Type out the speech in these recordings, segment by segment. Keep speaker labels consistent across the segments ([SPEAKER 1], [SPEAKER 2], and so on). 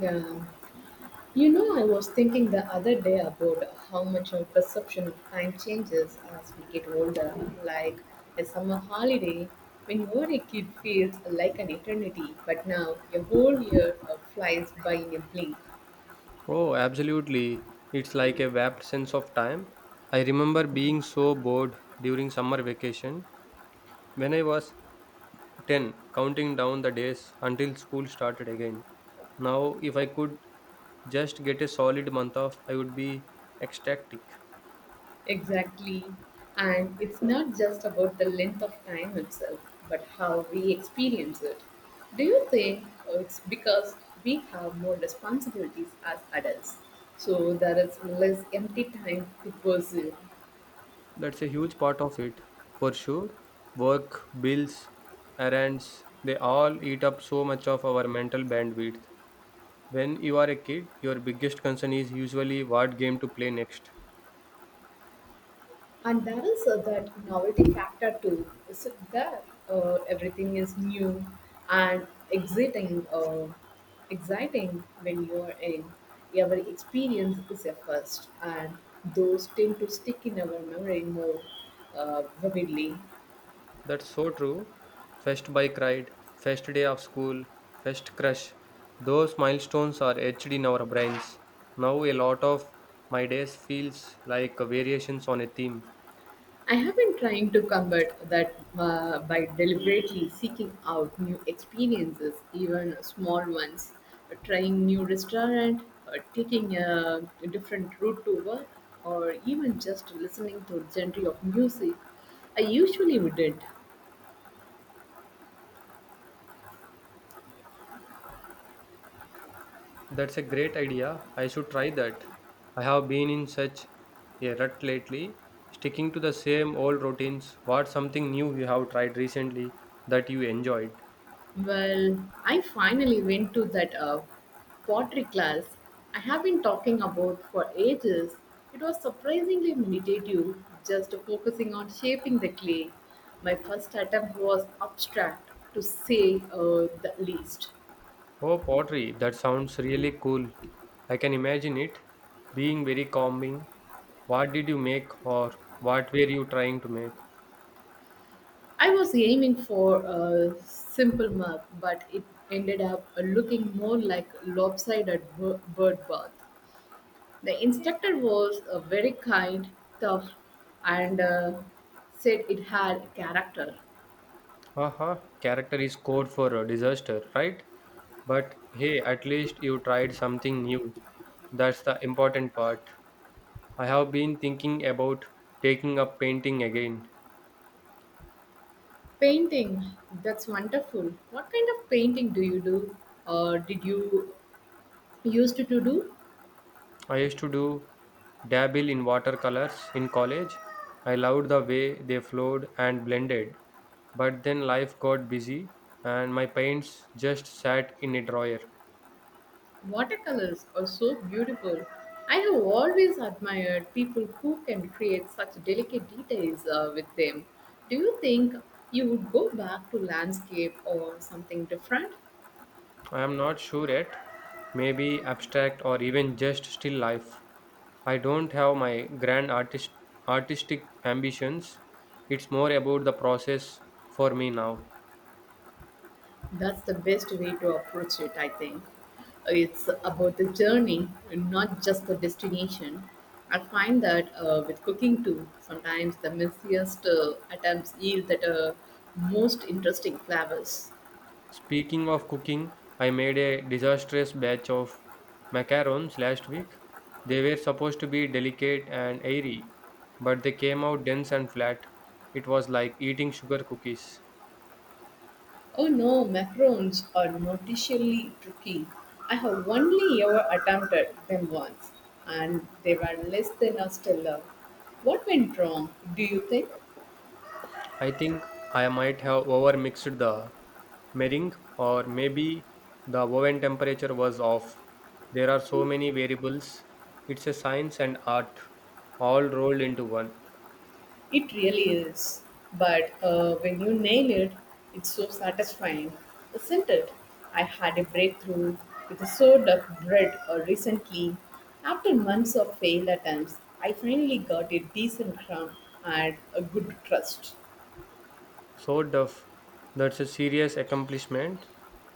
[SPEAKER 1] Yeah. You know, I was thinking the other day about how much our perception of time changes as we get older. Like a summer holiday, when you were a kid, feels like an eternity, but now a whole year flies by in a blink.
[SPEAKER 2] Oh, absolutely. It's like a warped sense of time. I remember being so bored during summer vacation when I was 10, counting down the days until school started again. Now, if I could just get a solid month off, I would be ecstatic.
[SPEAKER 1] Exactly. And it's not just about the length of time itself, but how we experience it. Do you think it's because we have more responsibilities as adults? So there is less empty time to pursue.
[SPEAKER 2] That's a huge part of it, for sure. Work, bills, errands, they all eat up so much of our mental bandwidth. When you are a kid, your biggest concern is usually what game to play next.
[SPEAKER 1] And there is that novelty factor too. Is it that everything is new and exciting? Exciting when you are in. Every experience is a first, and those tend to stick in our memory more vividly.
[SPEAKER 2] That's so true. First bike ride, first day of school, first crush. Those milestones are etched in our brains. Now a lot of my days feels like variations on a theme.
[SPEAKER 1] I have been trying to combat that by deliberately seeking out new experiences, even small ones, trying new restaurant, or taking a different route to work, or even just listening to a genre of music I usually wouldn't.
[SPEAKER 2] That's a great idea. I should try that. I have been in such a rut lately, sticking to the same old routines. What's something new you have tried recently that you enjoyed?
[SPEAKER 1] Well, I finally went to that pottery class I have been talking about for ages. It was surprisingly meditative, just focusing on shaping the clay. My first attempt was abstract, to say the least.
[SPEAKER 2] Oh, pottery. That sounds really cool. I can imagine it being very calming. What did you make or what were you trying to make?
[SPEAKER 1] I was aiming for a simple mug, but it ended up looking more like lopsided bird bath. The instructor was very kind, tough, and said it had character.
[SPEAKER 2] Haha, character is code for a disaster, right? But hey, at least you tried something new. That's the important part. I have been thinking about taking up painting again.
[SPEAKER 1] Painting, that's wonderful. What kind of painting do you do? Or did you used to do?
[SPEAKER 2] I used to do dabble in watercolors in college. I loved the way they flowed and blended. But then life got busy and my paints just sat in a drawer.
[SPEAKER 1] Watercolors are so beautiful. I have always admired people who can create such delicate details with them. Do you think you would go back to landscape or something different?
[SPEAKER 2] I am not sure yet. Maybe abstract or even just still life. I don't have my grand artistic ambitions. It's more about the process for me now.
[SPEAKER 1] That's the best way to approach it, I think. It's about the journey not just the destination. I find that with cooking too, sometimes the messiest attempts yield that most interesting flavors.
[SPEAKER 2] Speaking of cooking, I made a disastrous batch of macarons last week. They were supposed to be delicate and airy, but they came out dense and flat. It was like eating sugar cookies.
[SPEAKER 1] Oh no, macarons are notoriously tricky. I have only ever attempted them once, and they were less than a stellar. What went wrong, do you think?
[SPEAKER 2] I think I might have overmixed the meringue, or maybe the oven temperature was off. There are so many variables. It's a science and art all rolled into one.
[SPEAKER 1] It really is. But when you nail it, it's so satisfying, isn't it? I had a breakthrough with a sort of bread recently. After months of failed attempts, I finally got a decent crumb and a good crust.
[SPEAKER 2] So tough. That's a serious accomplishment.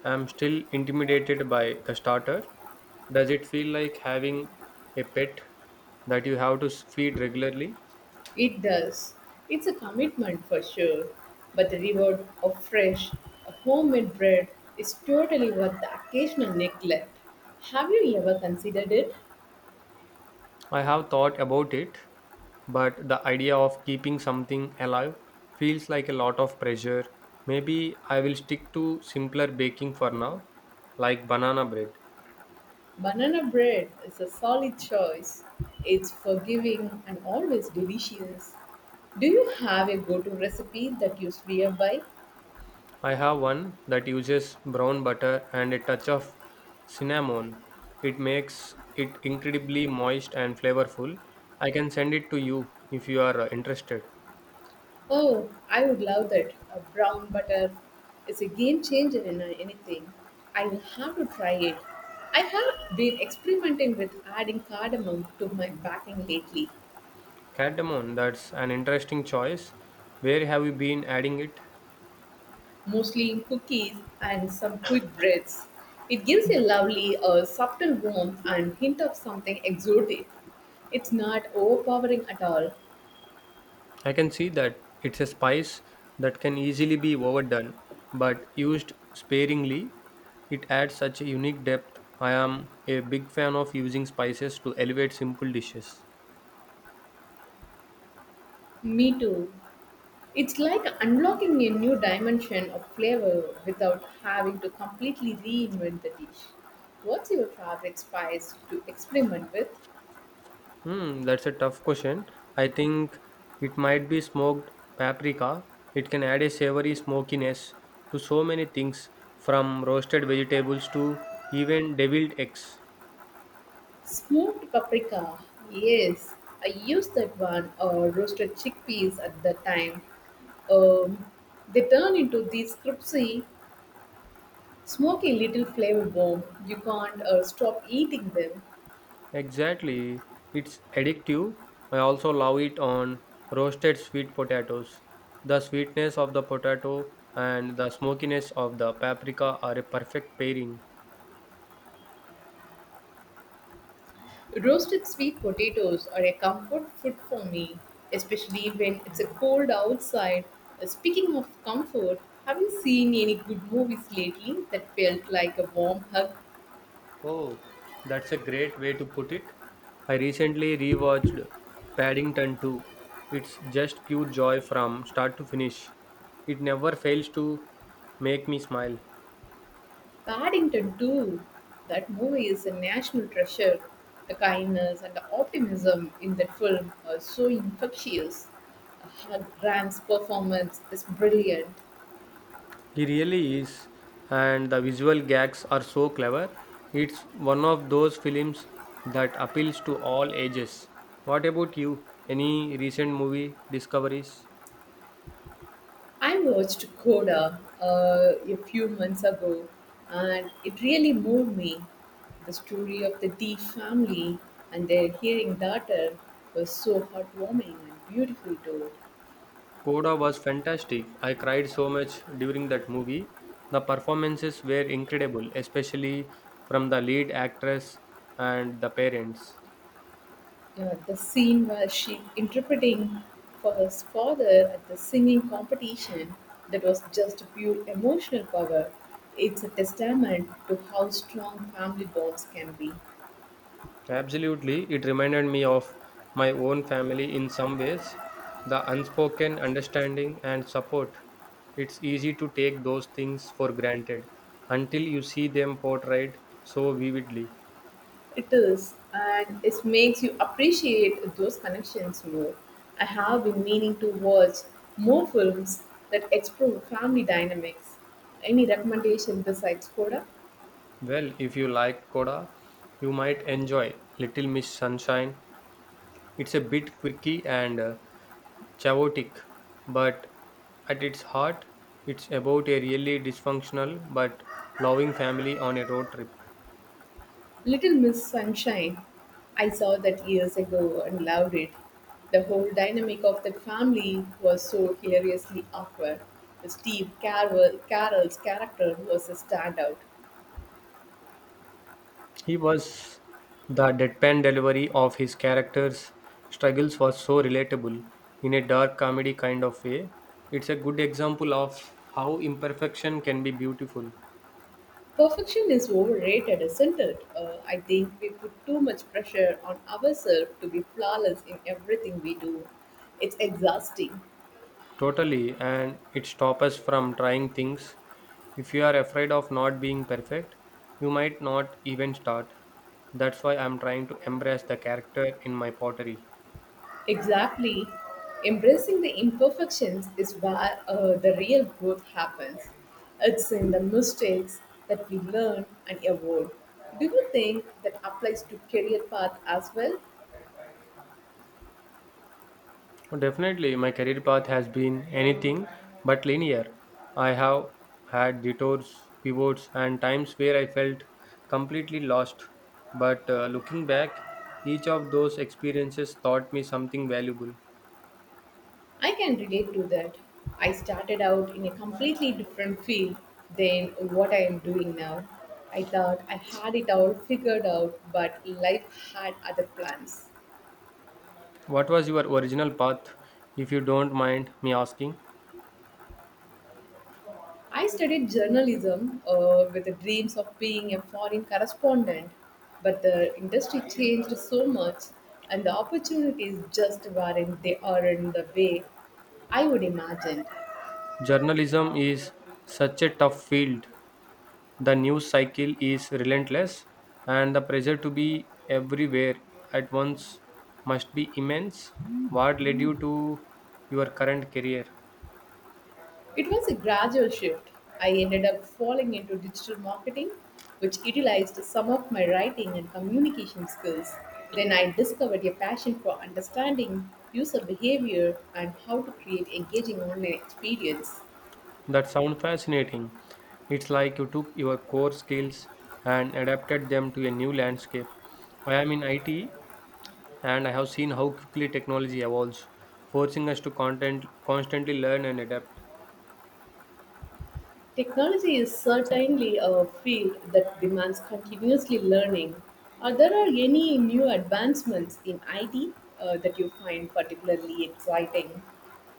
[SPEAKER 2] I'm still intimidated by the starter. Does it feel like having a pet that you have to feed regularly?
[SPEAKER 1] It does. It's a commitment for sure, but the reward of fresh, homemade bread is totally worth the occasional neglect. Have you ever considered it?
[SPEAKER 2] I have thought about it, but the idea of keeping something alive feels like a lot of pressure. Maybe I will stick to simpler baking for now, like banana bread.
[SPEAKER 1] Banana bread is a solid choice. It's forgiving and always delicious. Do you have a go to recipe that you swear by?
[SPEAKER 2] I have one that uses brown butter and a touch of cinnamon. It makes it incredibly moist and flavorful. I can send it to you if you are interested.
[SPEAKER 1] Oh, I would love that. A brown butter is a game changer in anything. I will have to try it. I have been experimenting with adding cardamom to my baking lately.
[SPEAKER 2] Cardamom, that's an interesting choice. Where have you been adding it?
[SPEAKER 1] Mostly in cookies and some quick breads. It gives a lovely, subtle warmth and hint of something exotic. It's not overpowering at all.
[SPEAKER 2] I can see that it's a spice that can easily be overdone, but used sparingly, it adds such a unique depth. I am a big fan of using spices to elevate simple dishes.
[SPEAKER 1] Me too. It's like unlocking a new dimension of flavor without having to completely reinvent the dish. What's your favorite spice to experiment with?
[SPEAKER 2] Hmm, that's a tough question. I think it might be smoked paprika. It can add a savory smokiness to so many things, from roasted vegetables to even deviled eggs.
[SPEAKER 1] Smoked paprika. Yes, I used that one or roasted chickpeas at the time. Um, they turn into these crispy, smoky little flavor bomb. You can't stop eating them.
[SPEAKER 2] Exactly. It's addictive. I also love it on roasted sweet potatoes. The sweetness of the potato and the smokiness of the paprika are a perfect pairing.
[SPEAKER 1] Roasted sweet potatoes are a comfort food for me, especially when it's a cold outside. Speaking of comfort, have you seen any good movies lately that felt like a warm hug?
[SPEAKER 2] Oh, that's a great way to put it. I recently rewatched Paddington 2. It's just pure joy from start to finish. It never fails to make me smile.
[SPEAKER 1] Paddington 2. That movie is a national treasure. The kindness and the optimism in that film are so infectious. Graham's performance is brilliant.
[SPEAKER 2] He really is, and the visual gags are so clever. It's one of those films that appeals to all ages. What about you? Any recent movie discoveries?
[SPEAKER 1] I watched Coda a few months ago and it really moved me. The story of the Dee family and their hearing daughter was so heartwarming and beautiful too.
[SPEAKER 2] Coda was fantastic. I cried so much during that movie. The performances were incredible, especially from the lead actress and the parents.
[SPEAKER 1] Yeah, the scene where she interpreting for her father at the singing competition that was just pure emotional power. It's a testament to how strong family bonds can be.
[SPEAKER 2] Absolutely, it reminded me of my own family in some ways. The unspoken understanding and support. It's easy to take those things for granted until you see them portrayed so vividly.
[SPEAKER 1] It is, and it makes you appreciate those connections more. I have been meaning to watch more films that explore family dynamics. Any recommendation besides Coda?
[SPEAKER 2] Well, if you liked Coda, you might enjoy Little Miss Sunshine. It's a bit quirky and chaotic, but at its heart, it's about a really dysfunctional but loving family on a road trip.
[SPEAKER 1] Little Miss Sunshine. I saw that years ago and loved it. The whole dynamic of that family was so hilariously awkward. Carell's character was a standout.
[SPEAKER 2] He was the deadpan delivery of his character's struggles was so relatable in a dark comedy kind of way. It's a good example of how imperfection can be beautiful.
[SPEAKER 1] Perfection is overrated, isn't it? I think we put too much pressure on ourselves to be flawless in everything we do. It's exhausting.
[SPEAKER 2] Totally, and it stops us from trying things. If you are afraid of not being perfect, you might not even start. That's why I'm trying to embrace the character in my pottery.
[SPEAKER 1] Exactly. Embracing the imperfections is where the real growth happens. It's in the mistakes that we learn and evolve. Do you think that applies to career path as well?
[SPEAKER 2] Definitely, my career path has been anything but linear. I have had detours, pivots, and times where I felt completely lost. But looking back, each of those experiences taught me something valuable.
[SPEAKER 1] I can relate to that. I started out in a completely different field than what I am doing now. I thought I had it all figured out, but life had other plans.
[SPEAKER 2] What was your original path, if you don't mind me asking?
[SPEAKER 1] I studied journalism with the dreams of being a foreign correspondent, but the industry changed so much and the opportunities just weren't there in the way I would imagine.
[SPEAKER 2] Journalism is such a tough field. The news cycle is relentless, and the pressure to be everywhere at once must be immense. What led you to your current career?
[SPEAKER 1] It was a gradual shift. I ended up falling into digital marketing, which utilized some of my writing and communication skills. Then I discovered a passion for understanding user behavior and how to create engaging online experience.
[SPEAKER 2] That sounds fascinating. It's like you took your core skills and adapted them to a new landscape. I am in IT and I have seen how quickly technology evolves, forcing us to constantly learn and adapt.
[SPEAKER 1] Technology is certainly a field that demands continuously learning. Are there are any new advancements in IT that you find particularly exciting?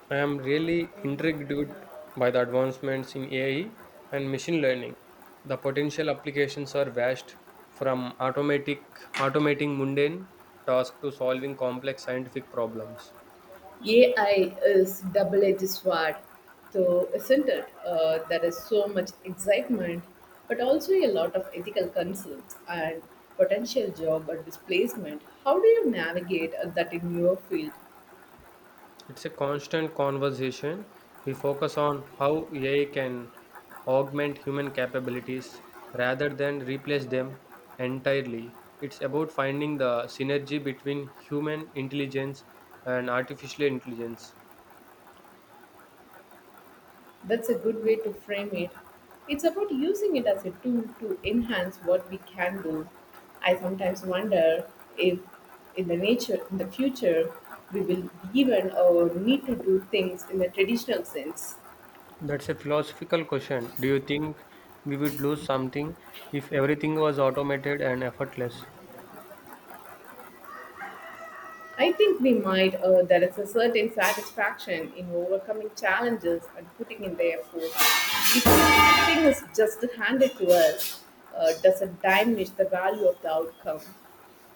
[SPEAKER 2] I am really intrigued by the advancements in AI and machine learning. The potential applications are vast, from automatic automating mundane tasks to solving complex scientific problems.
[SPEAKER 1] AI is double-edged sword, So, isn't it? There is so much excitement, but also a lot of ethical concerns and potential job or displacement. How do you navigate that in your field?
[SPEAKER 2] It's a constant conversation. We focus on how AI can augment human capabilities rather than replace them entirely. It's about finding the synergy between human intelligence and artificial intelligence.
[SPEAKER 1] That's a good way to frame it. It's about using it as a tool to enhance what we can do. I sometimes wonder if, in the nature, in the future, we will even or need to do things in the traditional sense.
[SPEAKER 2] That's a philosophical question. Do you think we would lose something if everything was automated and effortless?
[SPEAKER 1] I think we might. There is a certain satisfaction in overcoming challenges and putting in the effort. If everything is just handed to us, doesn't diminish the value of the outcome.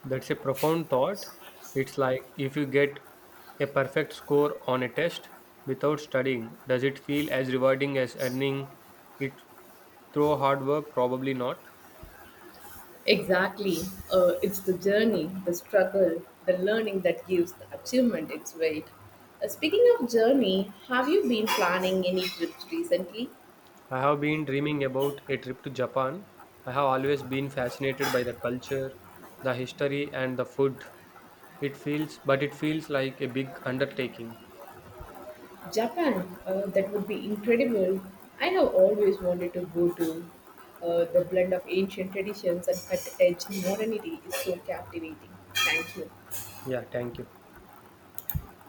[SPEAKER 2] That's a profound thought. It's like if you get a perfect score on a test without studying, does it feel as rewarding as earning it through hard work? Probably not.
[SPEAKER 1] Exactly. It's the journey, the struggle, the learning that gives the achievement its weight. Speaking of journey, have you been planning any trips recently?
[SPEAKER 2] I have been dreaming about a trip to Japan. I have always been fascinated by the culture, the history, and the food. But it feels like a big undertaking.
[SPEAKER 1] Japan, that would be incredible. I have always wanted to go to. The blend of ancient traditions and cut edge modernity is so captivating. Thank you.
[SPEAKER 2] Yeah, thank you.